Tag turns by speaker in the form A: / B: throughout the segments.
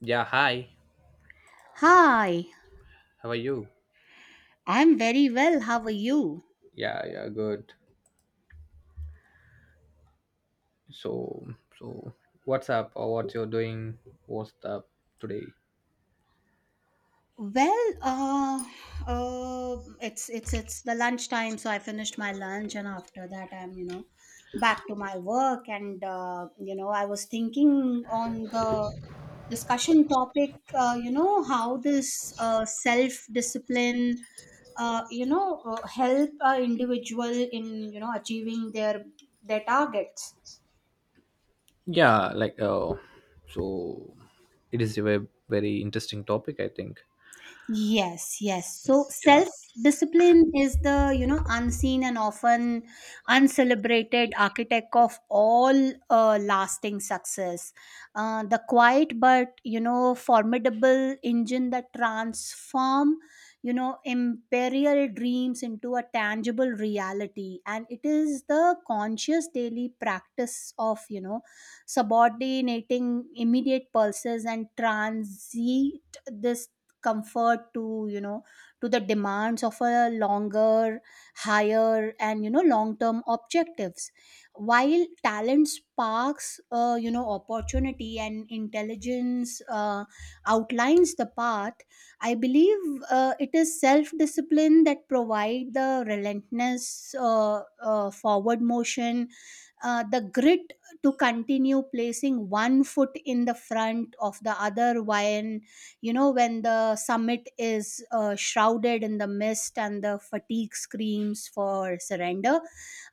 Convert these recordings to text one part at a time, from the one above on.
A: Yeah, hi.
B: Hi,
A: How are you?
B: I'm very well. How are you?
A: Yeah, yeah, good. So what's up or what you're doing? What's up today?
B: Well, uh, it's the lunchtime, so I finished my lunch, and after that, I'm back to my work, and I was thinking on the discussion topic, how this self discipline, help a individual in achieving their targets.
A: Yeah, like uh so it is a very interesting topic, I think.
B: Yes, yes. So
A: Yeah.
B: self discipline is the, you know, unseen and often uncelebrated architect of all lasting success. The quiet but, you know, formidable engine that transform, you know, imperial dreams into a tangible reality. And it is the conscious daily practice of, you know, subordinating immediate pulses and transit this comfort to you know to the demands of a longer, higher, and you know long term objectives. While talent sparks opportunity and intelligence, outlines the path, I believe it is self discipline that provide the relentless forward motion, the grit to continue placing one foot in the front of the other while you know when the summit is shrouded in the mist and the fatigue screams for surrender.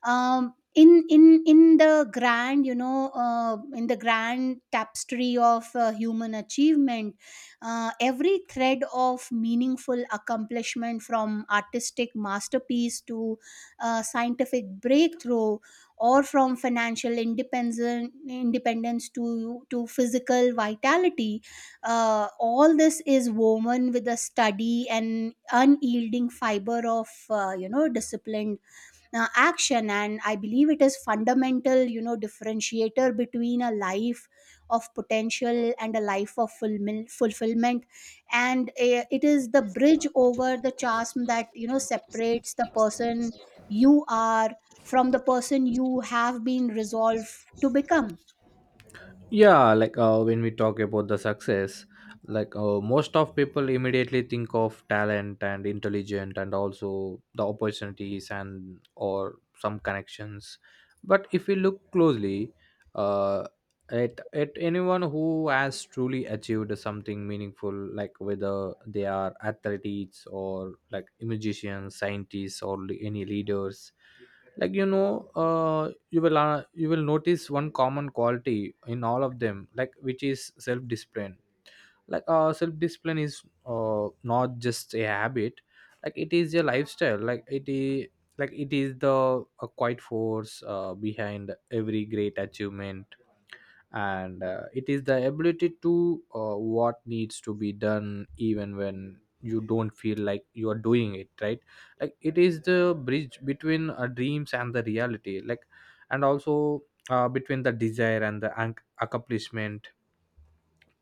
B: In the grand in the grand tapestry of human achievement, every thread of meaningful accomplishment, from artistic masterpiece to scientific breakthrough, or from financial independence to physical vitality, all this is woven with a study and unyielding fiber of disciplined action. And I believe it is fundamental you know differentiator between a life of potential and a life of fulfillment. And it is the bridge over the chasm that you know separates the person you are from the person you have been resolved to become.
A: When we talk about the success, most of people immediately think of talent and intelligent and also the opportunities and or some connections. But if we look closely, uh, at anyone who has truly achieved something meaningful, like whether they are athletes or like musicians, scientists or any leaders, you will notice one common quality in all of them, like which is self discipline. Self discipline is not just a habit, like it is a lifestyle. Like it is the a quiet force behind every great achievement. And it is the ability to what needs to be done even when you don't feel like you are doing it right. Like it is the bridge between dreams and the reality, like, and also between the desire and the accomplishment.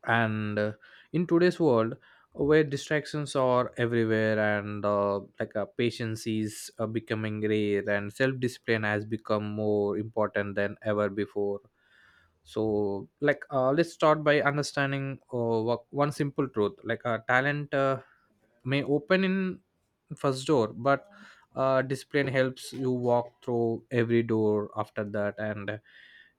A: And in today's world where distractions are everywhere, and patience is becoming rare, and self-discipline has become more important than ever before. Let's start by understanding one simple truth. Talent may open in first door, but discipline helps you walk through every door after that. And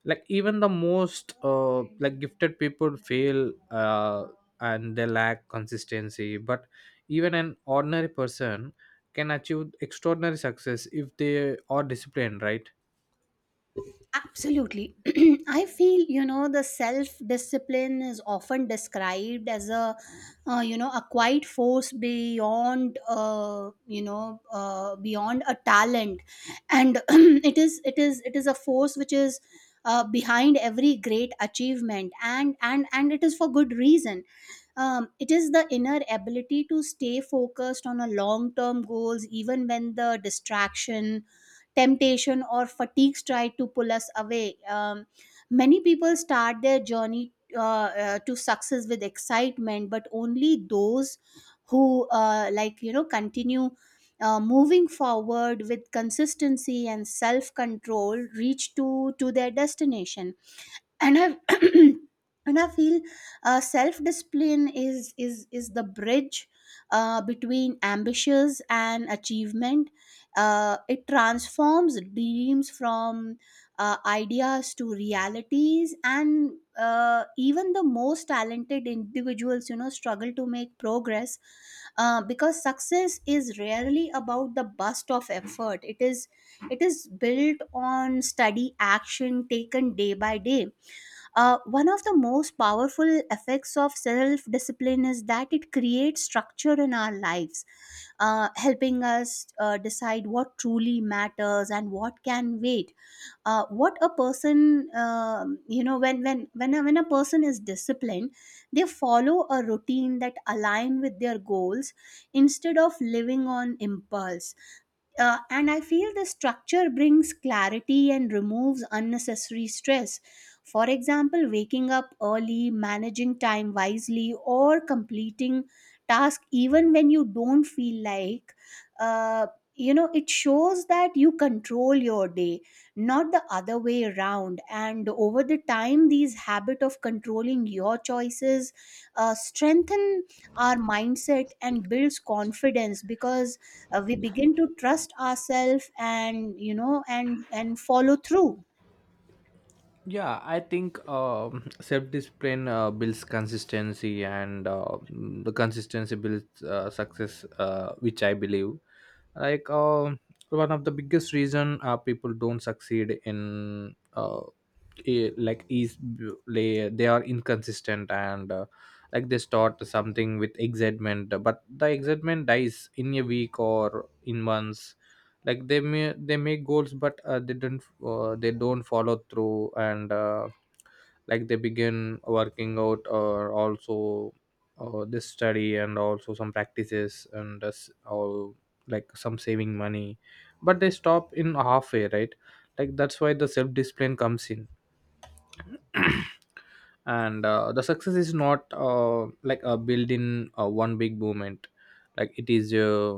A: like even the most like gifted people fail and they lack consistency, but even an ordinary person can achieve extraordinary success if they are disciplined, right?
B: Absolutely. I feel, you know, the self discipline is often described as a, a quiet force beyond, beyond a talent. And it is a force which is behind every great achievement, and it is for good reason. It is the inner ability to stay focused on a long term goals, even when the distraction, temptation, or fatigues try to pull us away. Many people start their journey to success with excitement, but only those who continue moving forward with consistency and self control reach to their destination. And I and I feel self discipline is the bridge between ambitions and achievement. It transforms dreams from ideas to realities. And even the most talented individuals you know struggle to make progress because success is rarely about the burst of effort. It is built on steady action taken day by day. One of the most powerful effects of self discipline is that it creates structure in our lives, helping us decide what truly matters and what can wait. What a person, you know, when a, When a person is disciplined, they follow a routine that align with their goals instead of living on impulse. And i feel the structure brings clarity and removes unnecessary stress. For example, waking up early, managing time wisely, or completing tasks even when you don't feel like, uh, you know, it shows that you control your day, not the other way around. And over the time, these habit of controlling your choices strengthen our mindset and builds confidence because we begin to trust ourselves and and follow through.
A: Yeah i think self-discipline builds consistency, and the consistency builds success, which I believe. like um One of the biggest reason people don't succeed in, is they are inconsistent. And like They start something with excitement, but the excitement dies in a week or in months. Like they make goals, but they don't follow through. And like They begin working out or also this study and also some practices and s- or like some saving money, but they stop in halfway, right? That's why the self discipline comes in. and the success is not like a built in one big moment. Like it is uh,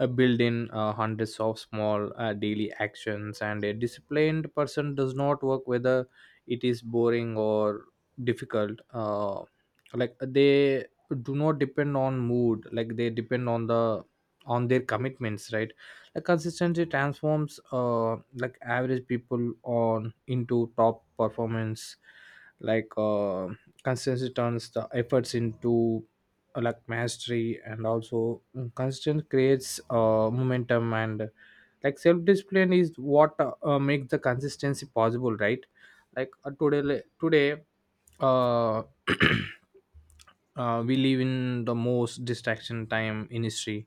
A: uh, build in hundreds of small daily actions, and a disciplined person does not work whether it is boring or difficult. They do not depend on mood, like they depend on the on their commitments, right? Like consistency transforms like average people on into top performance. like uh, consistency turns the efforts into like mastery, and also constant creates momentum, and like self discipline is what makes the consistency possible, right? Today uh we live in the most distraction time in history.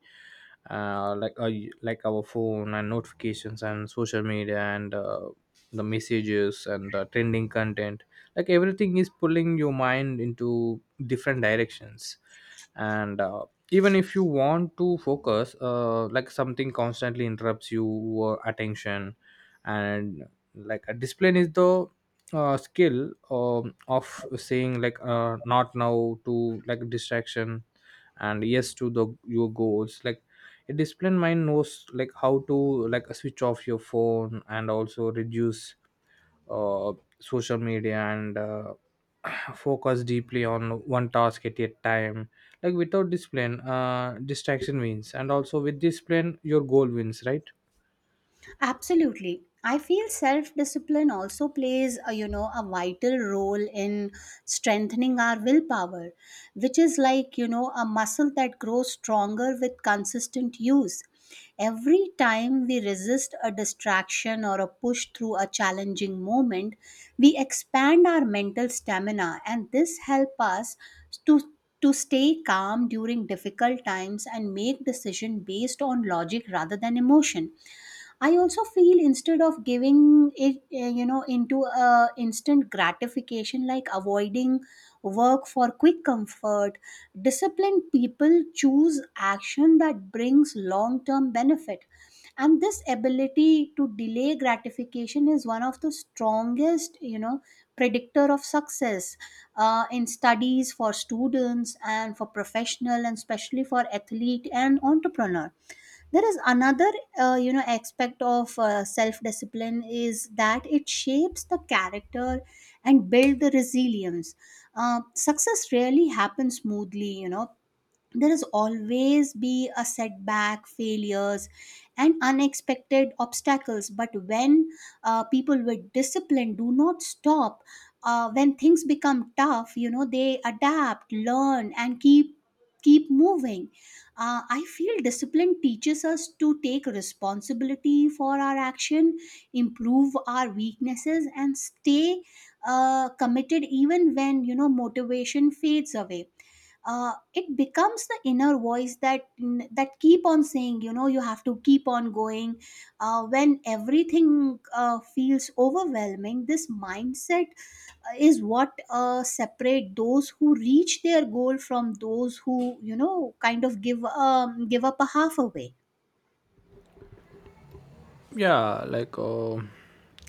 A: uh, like uh, our phone and notifications and social media and the messages and the trending content, like everything is pulling your mind into different directions. And even if you want to focus, something constantly interrupts your attention. And like a discipline is the skill of saying like not now to like distraction, and yes to the your goals. Like a disciplined mind knows like how to like switch off your phone and also reduce uh, social media and focus deeply on one task at a time. Like without discipline, distraction wins, and also with discipline your goal wins, right?
B: Absolutely. I feel self discipline also plays a, you know, a vital role in strengthening our willpower, which is like you know a muscle that grows stronger with consistent use. Every time we resist a distraction or a push through a challenging moment, we expand our mental stamina, and this helps us to to stay calm during difficult times and make decision based on logic rather than emotion. I also feel, instead of giving it, into a instant gratification, like avoiding work for quick comfort, disciplined people choose action that brings long-term benefit. And this ability to delay gratification is one of the strongest, you know, predictor of success, in studies for students and for professional, and especially for athlete and entrepreneur. There is another aspect of self discipline, is that it shapes the character and build the resilience. Success rarely happens smoothly, you know, there is always be a setback, failures, and unexpected obstacles. But when people with discipline do not stop when things become tough, you know, they adapt, learn, and keep moving. I feel discipline teaches us to take responsibility for our action, improve our weaknesses, and stay committed even when you know motivation fades away. It becomes the inner voice that keep on saying, you know, you have to keep on going when everything feels overwhelming. This mindset is what separate those who reach their goal from those who you know kind of give up a half away.
A: yeah like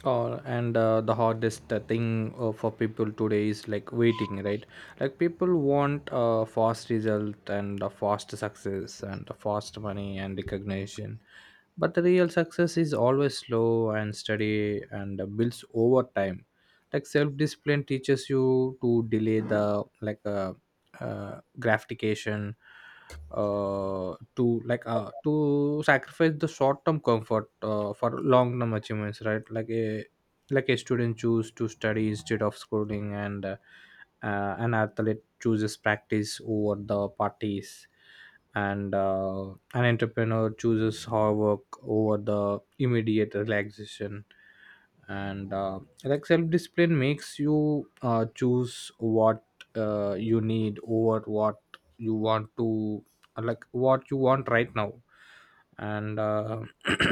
A: and The hardest thing for people today is like waiting, right? Like people want a fast result and a fast success and a fast money and recognition, but the real success is always slow and steady and builds over time. Like self-discipline teaches you to delay the gratification, to sacrifice the short term comfort for long term achievements, right? Like a student choose to study instead of schooling, and an athlete chooses practice over the parties, and an entrepreneur chooses hard work over the immediate relaxation. And like self-discipline makes you choose what you need over what you want to, like what you want right now. And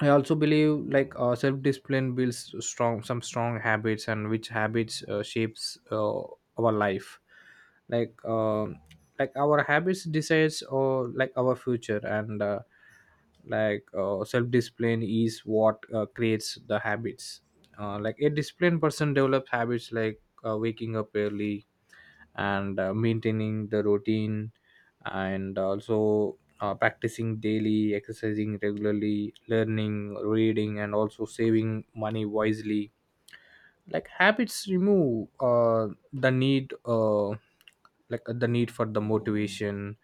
A: I also believe self-discipline builds strong habits, and which habits shapes our life. like uh, our habits decides or like our future, and self-discipline is what creates the habits. A disciplined person develops habits like waking up early, and maintaining the routine, and also practicing daily, exercising regularly, learning, reading, and also saving money wisely. Like habits remove the need for the motivation,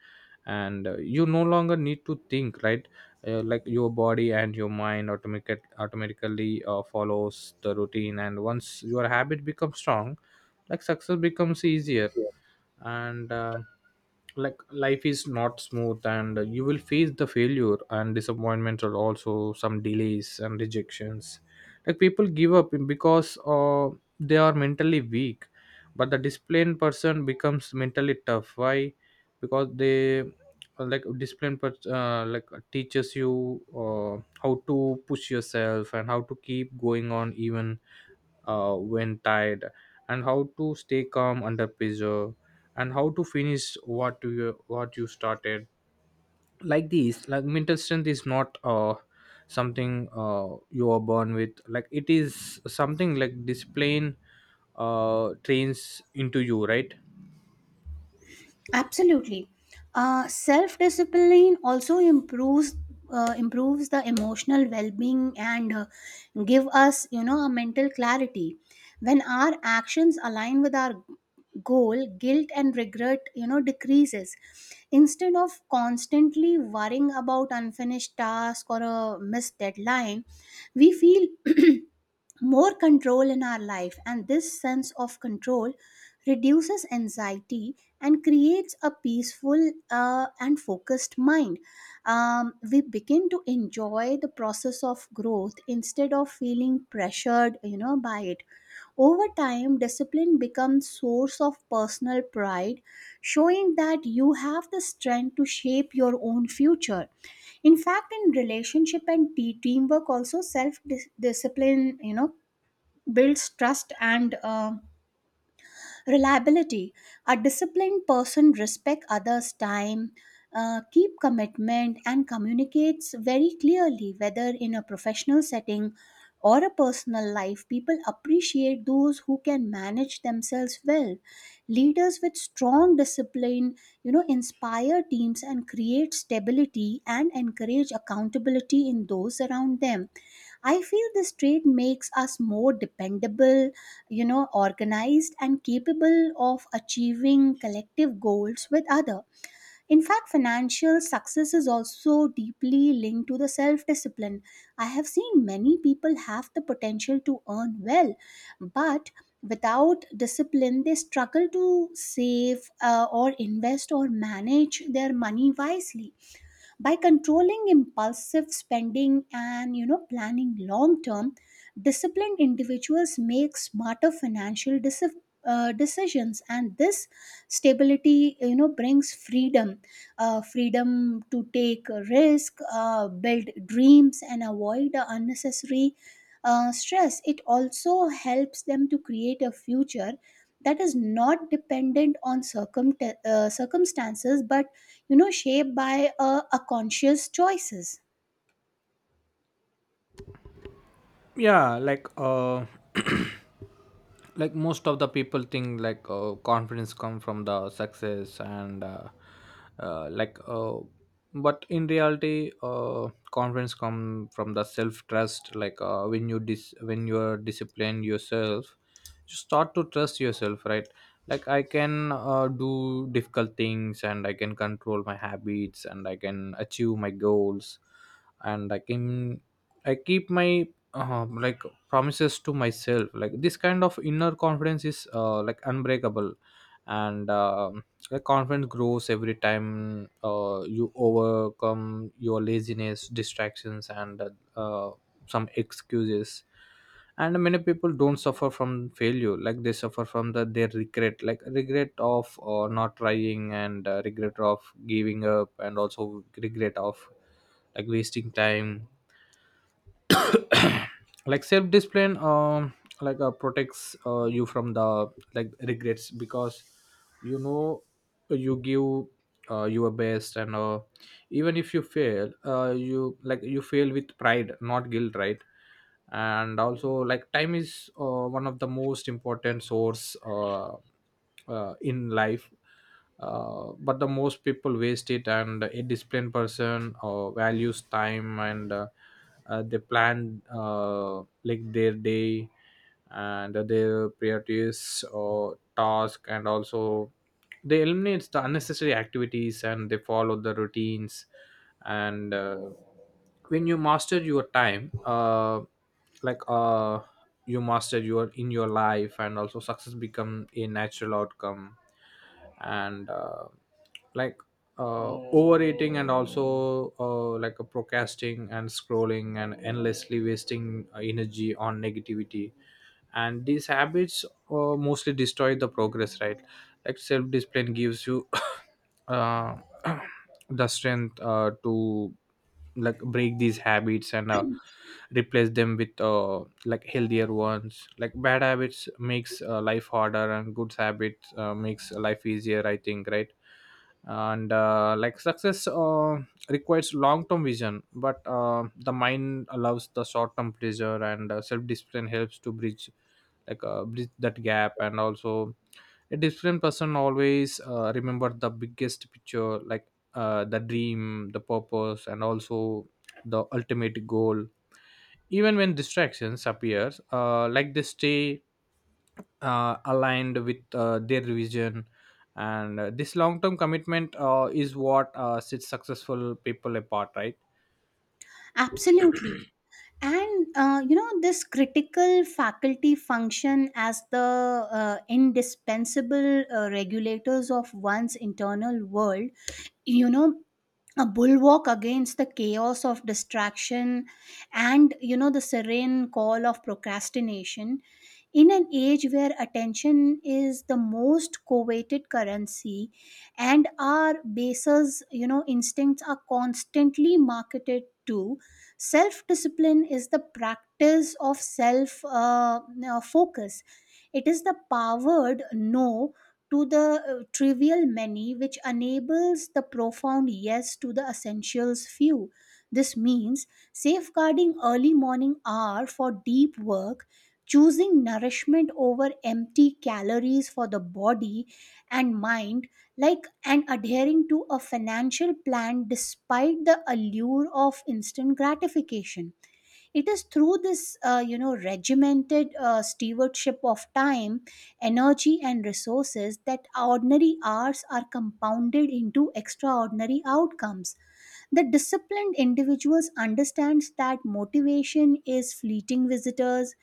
A: and you no longer need to think, right? Your body and your mind automatically follows the routine, and once your habit becomes strong, like success becomes easier. And like Life is not smooth, and you will face the failure and disappointment or also some delays and rejections. Like people give up because they are mentally weak, but the disciplined person becomes mentally tough. Why? Because they, like disciplined pers- like teaches you how to push yourself, and how to keep going on even when tired, and how to stay calm under pressure, and how to finish what you started. Like this mental strength is not something you are born with. Like it is something like discipline trains into you, right?
B: Absolutely. Self discipline also improves the emotional well being, and give us you know a mental clarity. When our actions align with our goal, guilt and regret you know decreases. Instead of constantly worrying about unfinished task or a missed deadline, we feel more control in our life, and this sense of control reduces anxiety and creates a peaceful and focused mind. We begin to enjoy the process of growth instead of feeling pressured you know by it. Over time, discipline becomes source of personal pride, showing that you have the strength to shape your own future. In fact, in relationship and teamwork also, discipline you know builds trust and reliability. A disciplined person respects others' time, keep commitment, and communicates very clearly, whether in a professional setting or a personal life. People appreciate those who can manage themselves well. Leaders with strong discipline, you know, inspire teams, and create stability, and encourage accountability in those around them. I feel this trait makes us more dependable, you know, organized, and capable of achieving collective goals with other. In fact, financial success is also deeply linked to the self-discipline. I have seen many people have the potential to earn well, but without discipline they struggle to save or invest or manage their money wisely. By controlling impulsive spending, and you know planning long term, disciplined individuals make smarter decisions, and this stability you know brings freedom, freedom to take a risk, build dreams, and avoid the unnecessary stress. It also helps them to create a future that is not dependent on circumstances, but you know shaped by a conscious choices.
A: yeah like uh Most of the people think like confidence come from the success, and uh, like uh, but in reality confidence come from the self trust. When you when you are discipline yourself, you start to trust yourself, right? Like I can do difficult things, and I can control my habits, and I can achieve my goals, and I can I keep my uh, like promises to myself. Like this kind of inner confidence is like unbreakable. And Like confidence grows every time you overcome your laziness, distractions, and uh, some excuses. And many people don't suffer from failure, like they suffer from the their regret. Like regret of not trying, and regret of giving up, and also regret of like wasting time. Like self discipline, protects you from the like regrets, because you know you give your best, and even if you fail, you fail with pride, not guilt, right? And also like time is one of the most important source, in life, but the most people waste it. And a disciplined person values time, and they plan like their day, and their priorities or task, and also they eliminate the unnecessary activities and they follow the routines. And when you master your time, like uh, you master your in your life, and also success become a natural outcome. And like Overeating and also like a procrastinating and scrolling and endlessly wasting energy on negativity, and these habits mostly destroy the progress, right? Like self discipline gives you uh, the strength to like break these habits, and replace them with like healthier ones. Like bad habits makes life harder, and good habits makes life easier, I think, right? and like success requires long term vision, but the mind allows the short term pleasure, and self discipline helps to bridge bridge that gap. And also a disciplined person always remember the biggest picture, like the dream, the purpose, and also the ultimate goal. Even when distractions appears, like they stay aligned with their vision, and this long-term commitment is what sets successful people apart, right?
B: Absolutely. And you know, this critical faculty function as the indispensable regulators of one's internal world, you know, a bulwark against the chaos of distraction, and you know the serene call of procrastination. In an age where attention is the most coveted currency, and our bases you know instincts are constantly marketed to. Self discipline is the practice of self focus. It is the powered no to the trivial many, which enables the profound yes to the essentials few. This means safeguarding early morning hour for deep work, choosing nourishment over empty calories for the body and mind, and adhering to a financial plan despite the allure of instant gratification. It is through this, regimented stewardship of time, energy, and resources, that ordinary hours are compounded into extraordinary outcomes. The disciplined individuals understands that motivation is fleeting visitors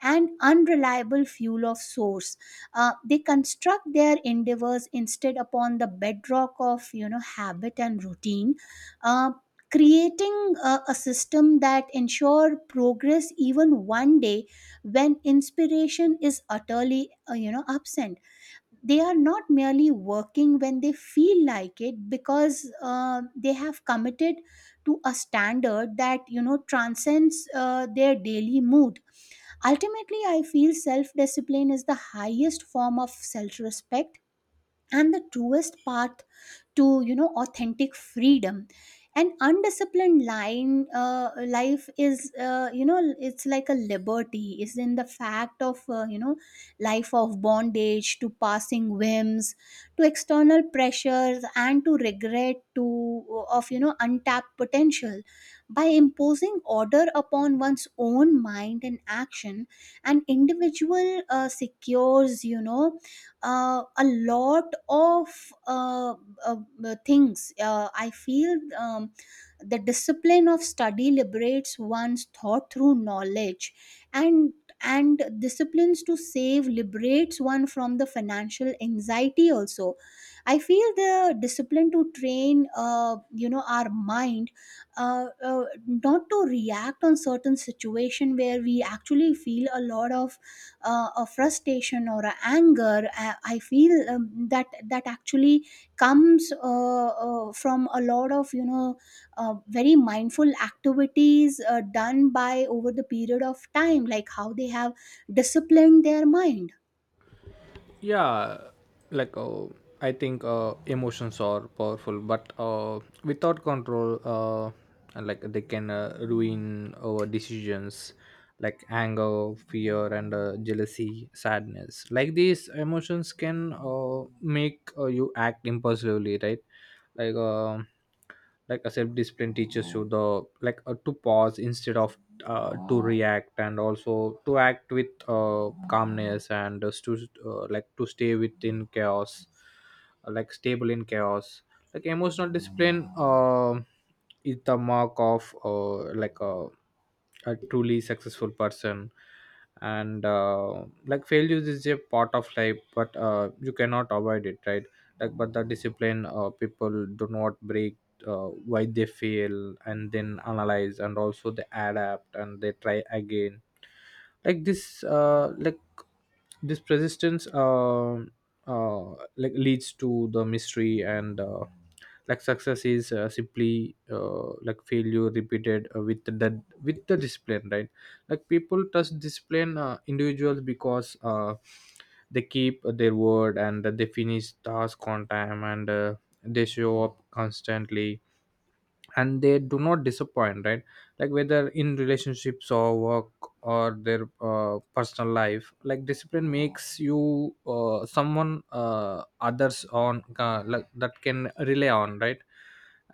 B: and unreliable fuel of source. They construct their endeavors instead upon the bedrock of you know habit and routine, uh, creating a system that ensure progress even one day when inspiration is utterly, absent. They are not merely working when they feel like it, because they have committed to a standard that you know transcends their daily mood. Ultimately, I feel self discipline is the highest form of self respect, and the truest path to you know authentic freedom. An undisciplined line uh, life is you know, it's like a liberty is in the fact of you know, life of bondage to passing whims, to external pressures, and to regret to of you know untapped potential. By imposing order upon one's own mind and action, an individual secures you know a lot of uh, uh, things. I feel the discipline of study liberates one's thought through knowledge, and and disciplines to save liberates one from the financial anxiety also. I feel the discipline to train our mind not to react on certain situation where we actually feel a lot of a frustration or a anger. I feel that actually comes from a lot of very mindful activities done by over the period of time, like how they have disciplined their mind.
A: Yeah, like I think emotions are powerful but without control, like they can ruin our decisions. Like anger, fear and jealousy, sadness, like these emotions can make you act impulsively, right? like um like a self-discipline teaches you the to pause instead of to react, and also to act with calmness and just to like to stay within chaos, like stable in chaos. Like emotional discipline is the mark of like a truly successful person. And like failures is a part of life, but you cannot avoid it, right? Like but the discipline people do not break, why they fail, and then analyze, and also they adapt and they try again. Like this persistence, uh, like leads to the mystery. And like success is simply like failure repeated with the discipline, right? Like people trust discipline individuals because they keep their word and they finish task on time, and they show up constantly and they do not disappoint, right? Like whether in relationships or work or their personal life, like discipline makes you someone others on like that can rely on, right?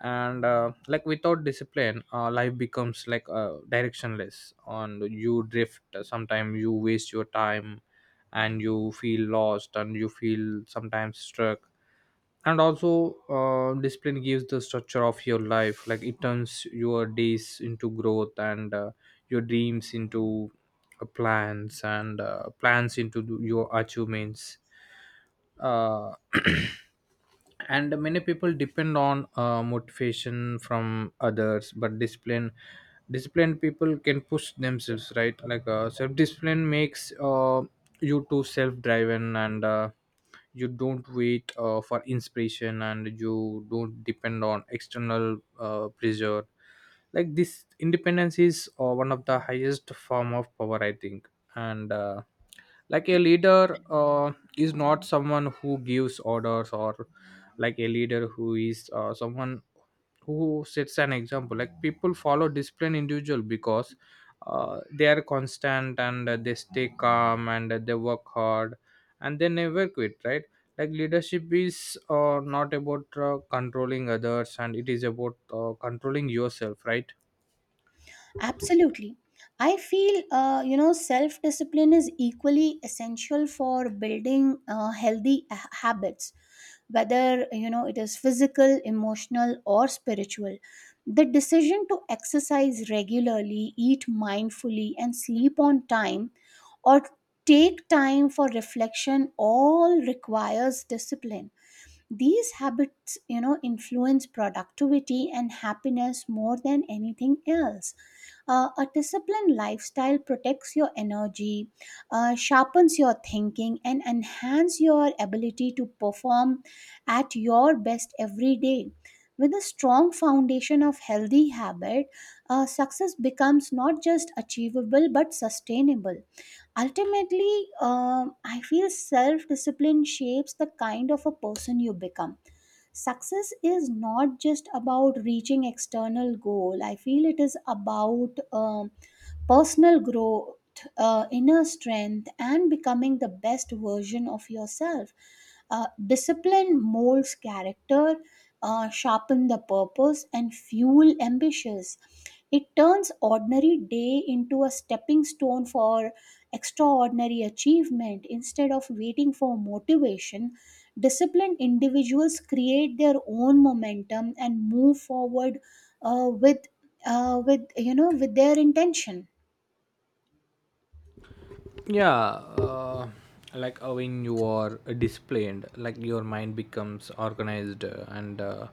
A: And like without discipline, life becomes like directionless on. You drift, sometimes you waste your time and you feel lost and you feel sometimes struck. And also discipline gives the structure of your life, like it turns your days into growth and your dreams into plans, and plans into your achievements. uh, and many people depend on motivation from others, but disciplined people can push themselves, right? Like self discipline makes you too self driven, and you don't wait for inspiration and you don't depend on external pressure. Like this independence is one of the highest form of power, I think. And like a leader is not someone who gives orders or like a leader who is someone who sets an example. Like people follow disciplined individual because they are constant, and they stay calm, and they work hard and they never quit, right? Like leadership is not about controlling others, and it is about controlling yourself, right?
B: Absolutely. I feel, self discipline is equally essential for building healthy habits, whether, it is physical, emotional, or spiritual. The decision to exercise regularly, eat mindfully, and sleep on time, or take time for reflection, all requires discipline. These habits, influence productivity and happiness more than anything else. A disciplined lifestyle protects your energy, sharpens your thinking, and enhance your ability to perform at your best every day. With a strong foundation of healthy habit, success becomes not just achievable but sustainable. Ultimately, I feel self discipline shapes the kind of a person you become. Success is not just about reaching external goal. I feel it is about personal growth, inner strength, and becoming the best version of yourself. Discipline molds character, sharpen the purpose, and fuel ambitions. It turns ordinary day into a stepping stone for extraordinary achievement. Instead of waiting for motivation, disciplined individuals create their own momentum and move forward uh, with with with their intention.
A: Yeah, when you are disciplined, like your mind becomes organized, and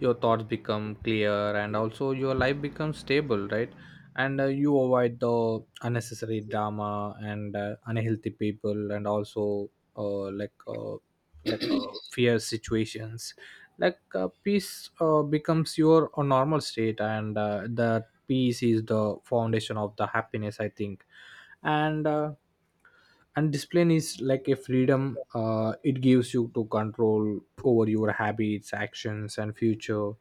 A: your thoughts become clear, and also your life becomes stable, right? And you avoid the unnecessary drama and unhealthy people, and also uh, like uh, fear situations. Like peace becomes your normal state, and that peace is the foundation of the happiness, I think. And uh, and discipline is like a freedom, it gives you to control over your habits, actions and future.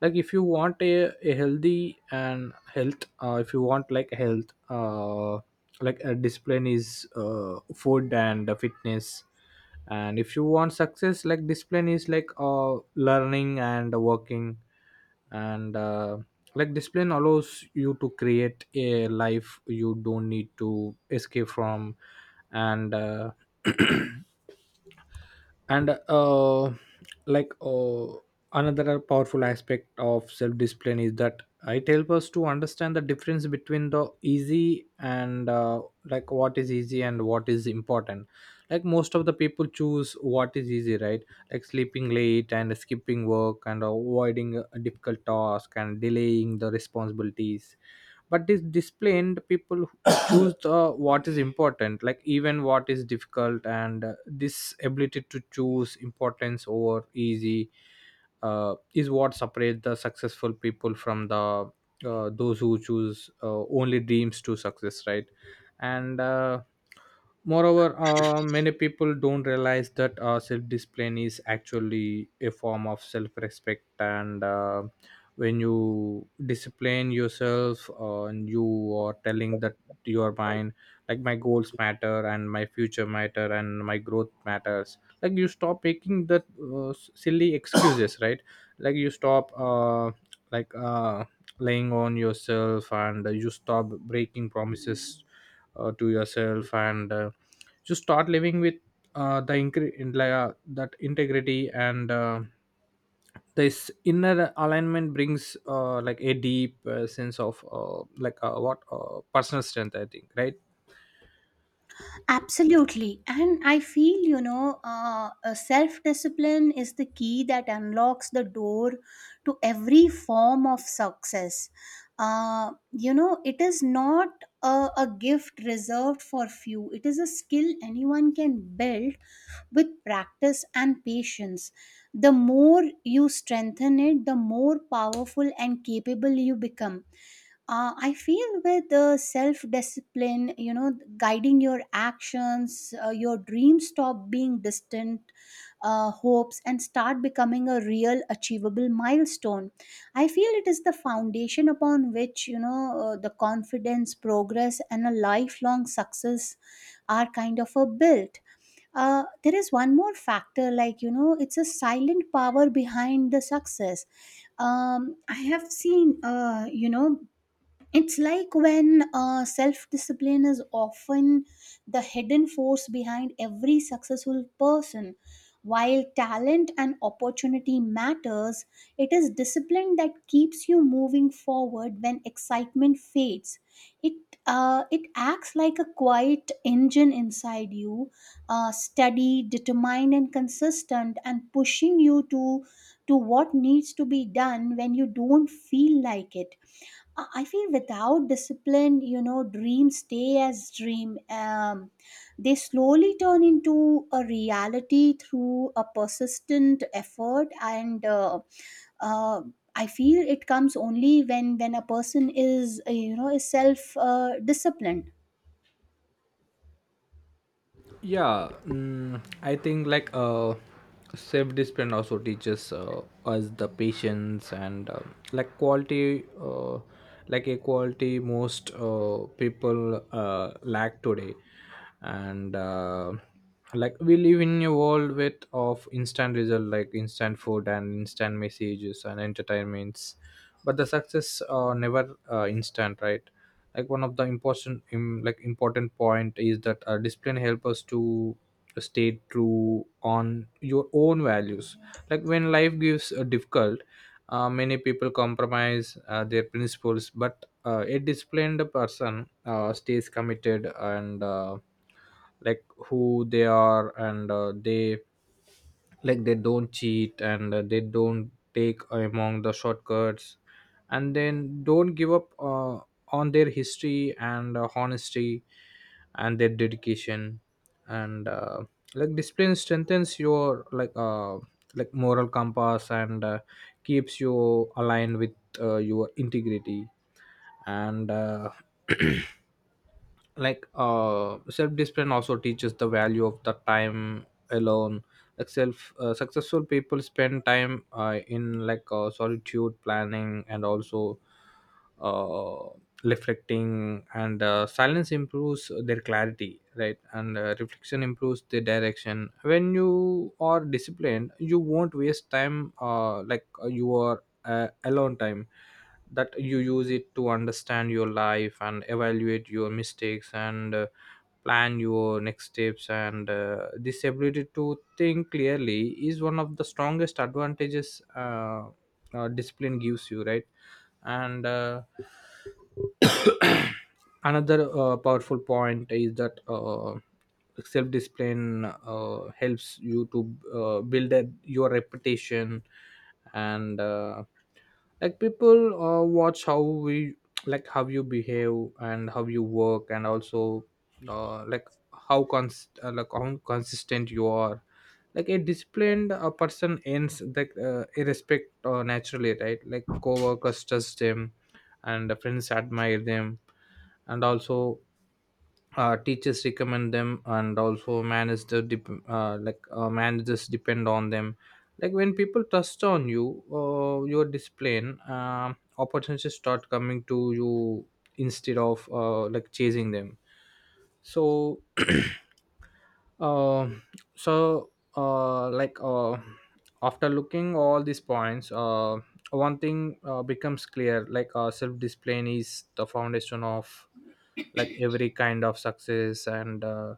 A: Like if you want a healthy and health, if you want like health, like a discipline is food and fitness. And if you want success, like discipline is like learning and working. And like discipline allows you to create a life you don't need to escape from. And and like Another powerful aspect of self discipline is that it helps us to understand the difference between the easy and, like what is easy and what is important. Like most of the people choose what is easy, right? Like sleeping late, and skipping work, and avoiding a difficult task, and delaying the responsibilities. But this disciplined people choose the what is important, like even what is difficult. And this ability to choose importance over easy is what separates the successful people from the those who choose only dreams to success, right? And moreover, many people don't realize that self-discipline is actually a form of self-respect. And when you discipline yourself, and you are telling that to your mind, like my goals matter, and my future matter, and my growth matters. Like you stop making that silly excuses, right? Like you stop like uh, laying on yourself, and you stop breaking promises to yourself. And you start living with the incre- in, like, that integrity. And this inner alignment brings like a deep sense of like what personal strength, I think, right?
B: Absolutely, and I feel self discipline is the key that unlocks the door to every form of success. It is not a gift reserved for few. It is a skill anyone can build with practice and patience. The more you strengthen it, the more powerful and capable you become. I feel with the self discipline, guiding your actions, your dreams stop being distant hopes and start becoming a real achievable milestone. I feel it is the foundation upon which the confidence progress and a lifelong success are kind of a built. There is one more factor, it's a silent power behind the success. I have seen, it's like when self discipline is often the hidden force behind every successful person. While talent and opportunity matters, it is discipline that keeps you moving forward when excitement fades. It it acts like a quiet engine inside you, steady, determined, and consistent, and pushing you to what needs to be done when you don't feel like it. I feel without discipline, dreams stay as dream. They slowly turn into a reality through a persistent effort, and uh, I feel it comes only when a person is is self disciplined.
A: Yeah, I think like self discipline also teaches us the patience and like quality, like a quality most people lack today. And like we live in a world with of instant result, like instant food, and instant messages, and entertainments. But the success never instant, right? Like one of the important im, like important point is that discipline help us to stay true on your own values. Like when life gives a difficult, many people compromise their principles, but a disciplined person stays committed and like who they are. And they like they don't cheat, and they don't take among the shortcuts, and then don't give up on their history and honesty and their dedication. And like discipline strengthens your like moral compass, and keeps you aligned with your integrity. And Self-discipline also teaches the value of the time alone. Like self successful people spend time in solitude, planning, and also uh, reflecting. And silence improves their clarity, right? And reflection improves the direction. When you are disciplined, you won't waste time, you are alone time that you use it to understand your life, and evaluate your mistakes, and plan your next steps. And this ability to think clearly is one of the strongest advantages discipline gives you, right? And another powerful point is that self-discipline helps you to build your reputation. And like people watch how we like how you behave, and how you work, and also like how cons- like how consistent you are. Like a disciplined person earns like a respect naturally, right? Like co-workers trust them, and the friends admire them, and also teachers recommend them, and also managers depend on them. Like when people trust on you your discipline, opportunities start coming to you instead of like chasing them. So uh, so uh, like uh, after looking all these points, one thing becomes clear, like self-discipline is the foundation of like every kind of success. And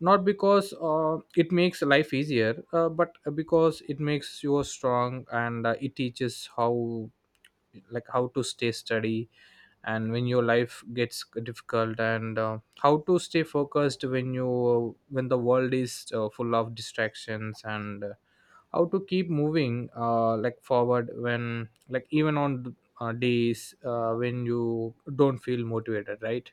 A: not because it makes life easier, but because it makes you strong, and it teaches how, like how to stay steady and when your life gets difficult, and how to stay focused when you when the world is full of distractions, and how to keep moving like forward when, like even on days when you don't feel motivated, right?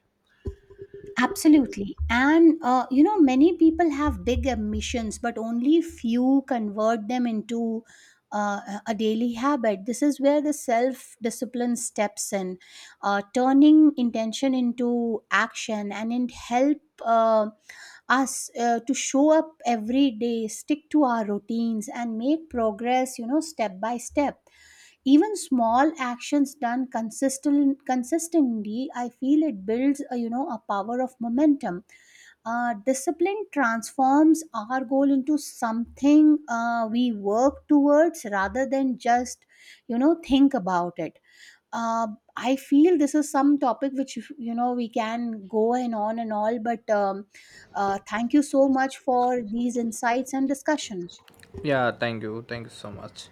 B: Absolutely. And, many people have big ambitions, but only few convert them into a daily habit. This is where the self discipline steps in, turning intention into action, and it help. Uh, Us to show up every day, stick to our routines, and make progress, step by step. Even small actions done consistently, I feel it builds a, you know a power of momentum. Discipline transforms our goal into something we work towards rather than just think about it. uh, I feel this is some topic which we can go and on and all, but thank you so much for these insights and discussion.
A: Yeah, thank you. Thank you so much.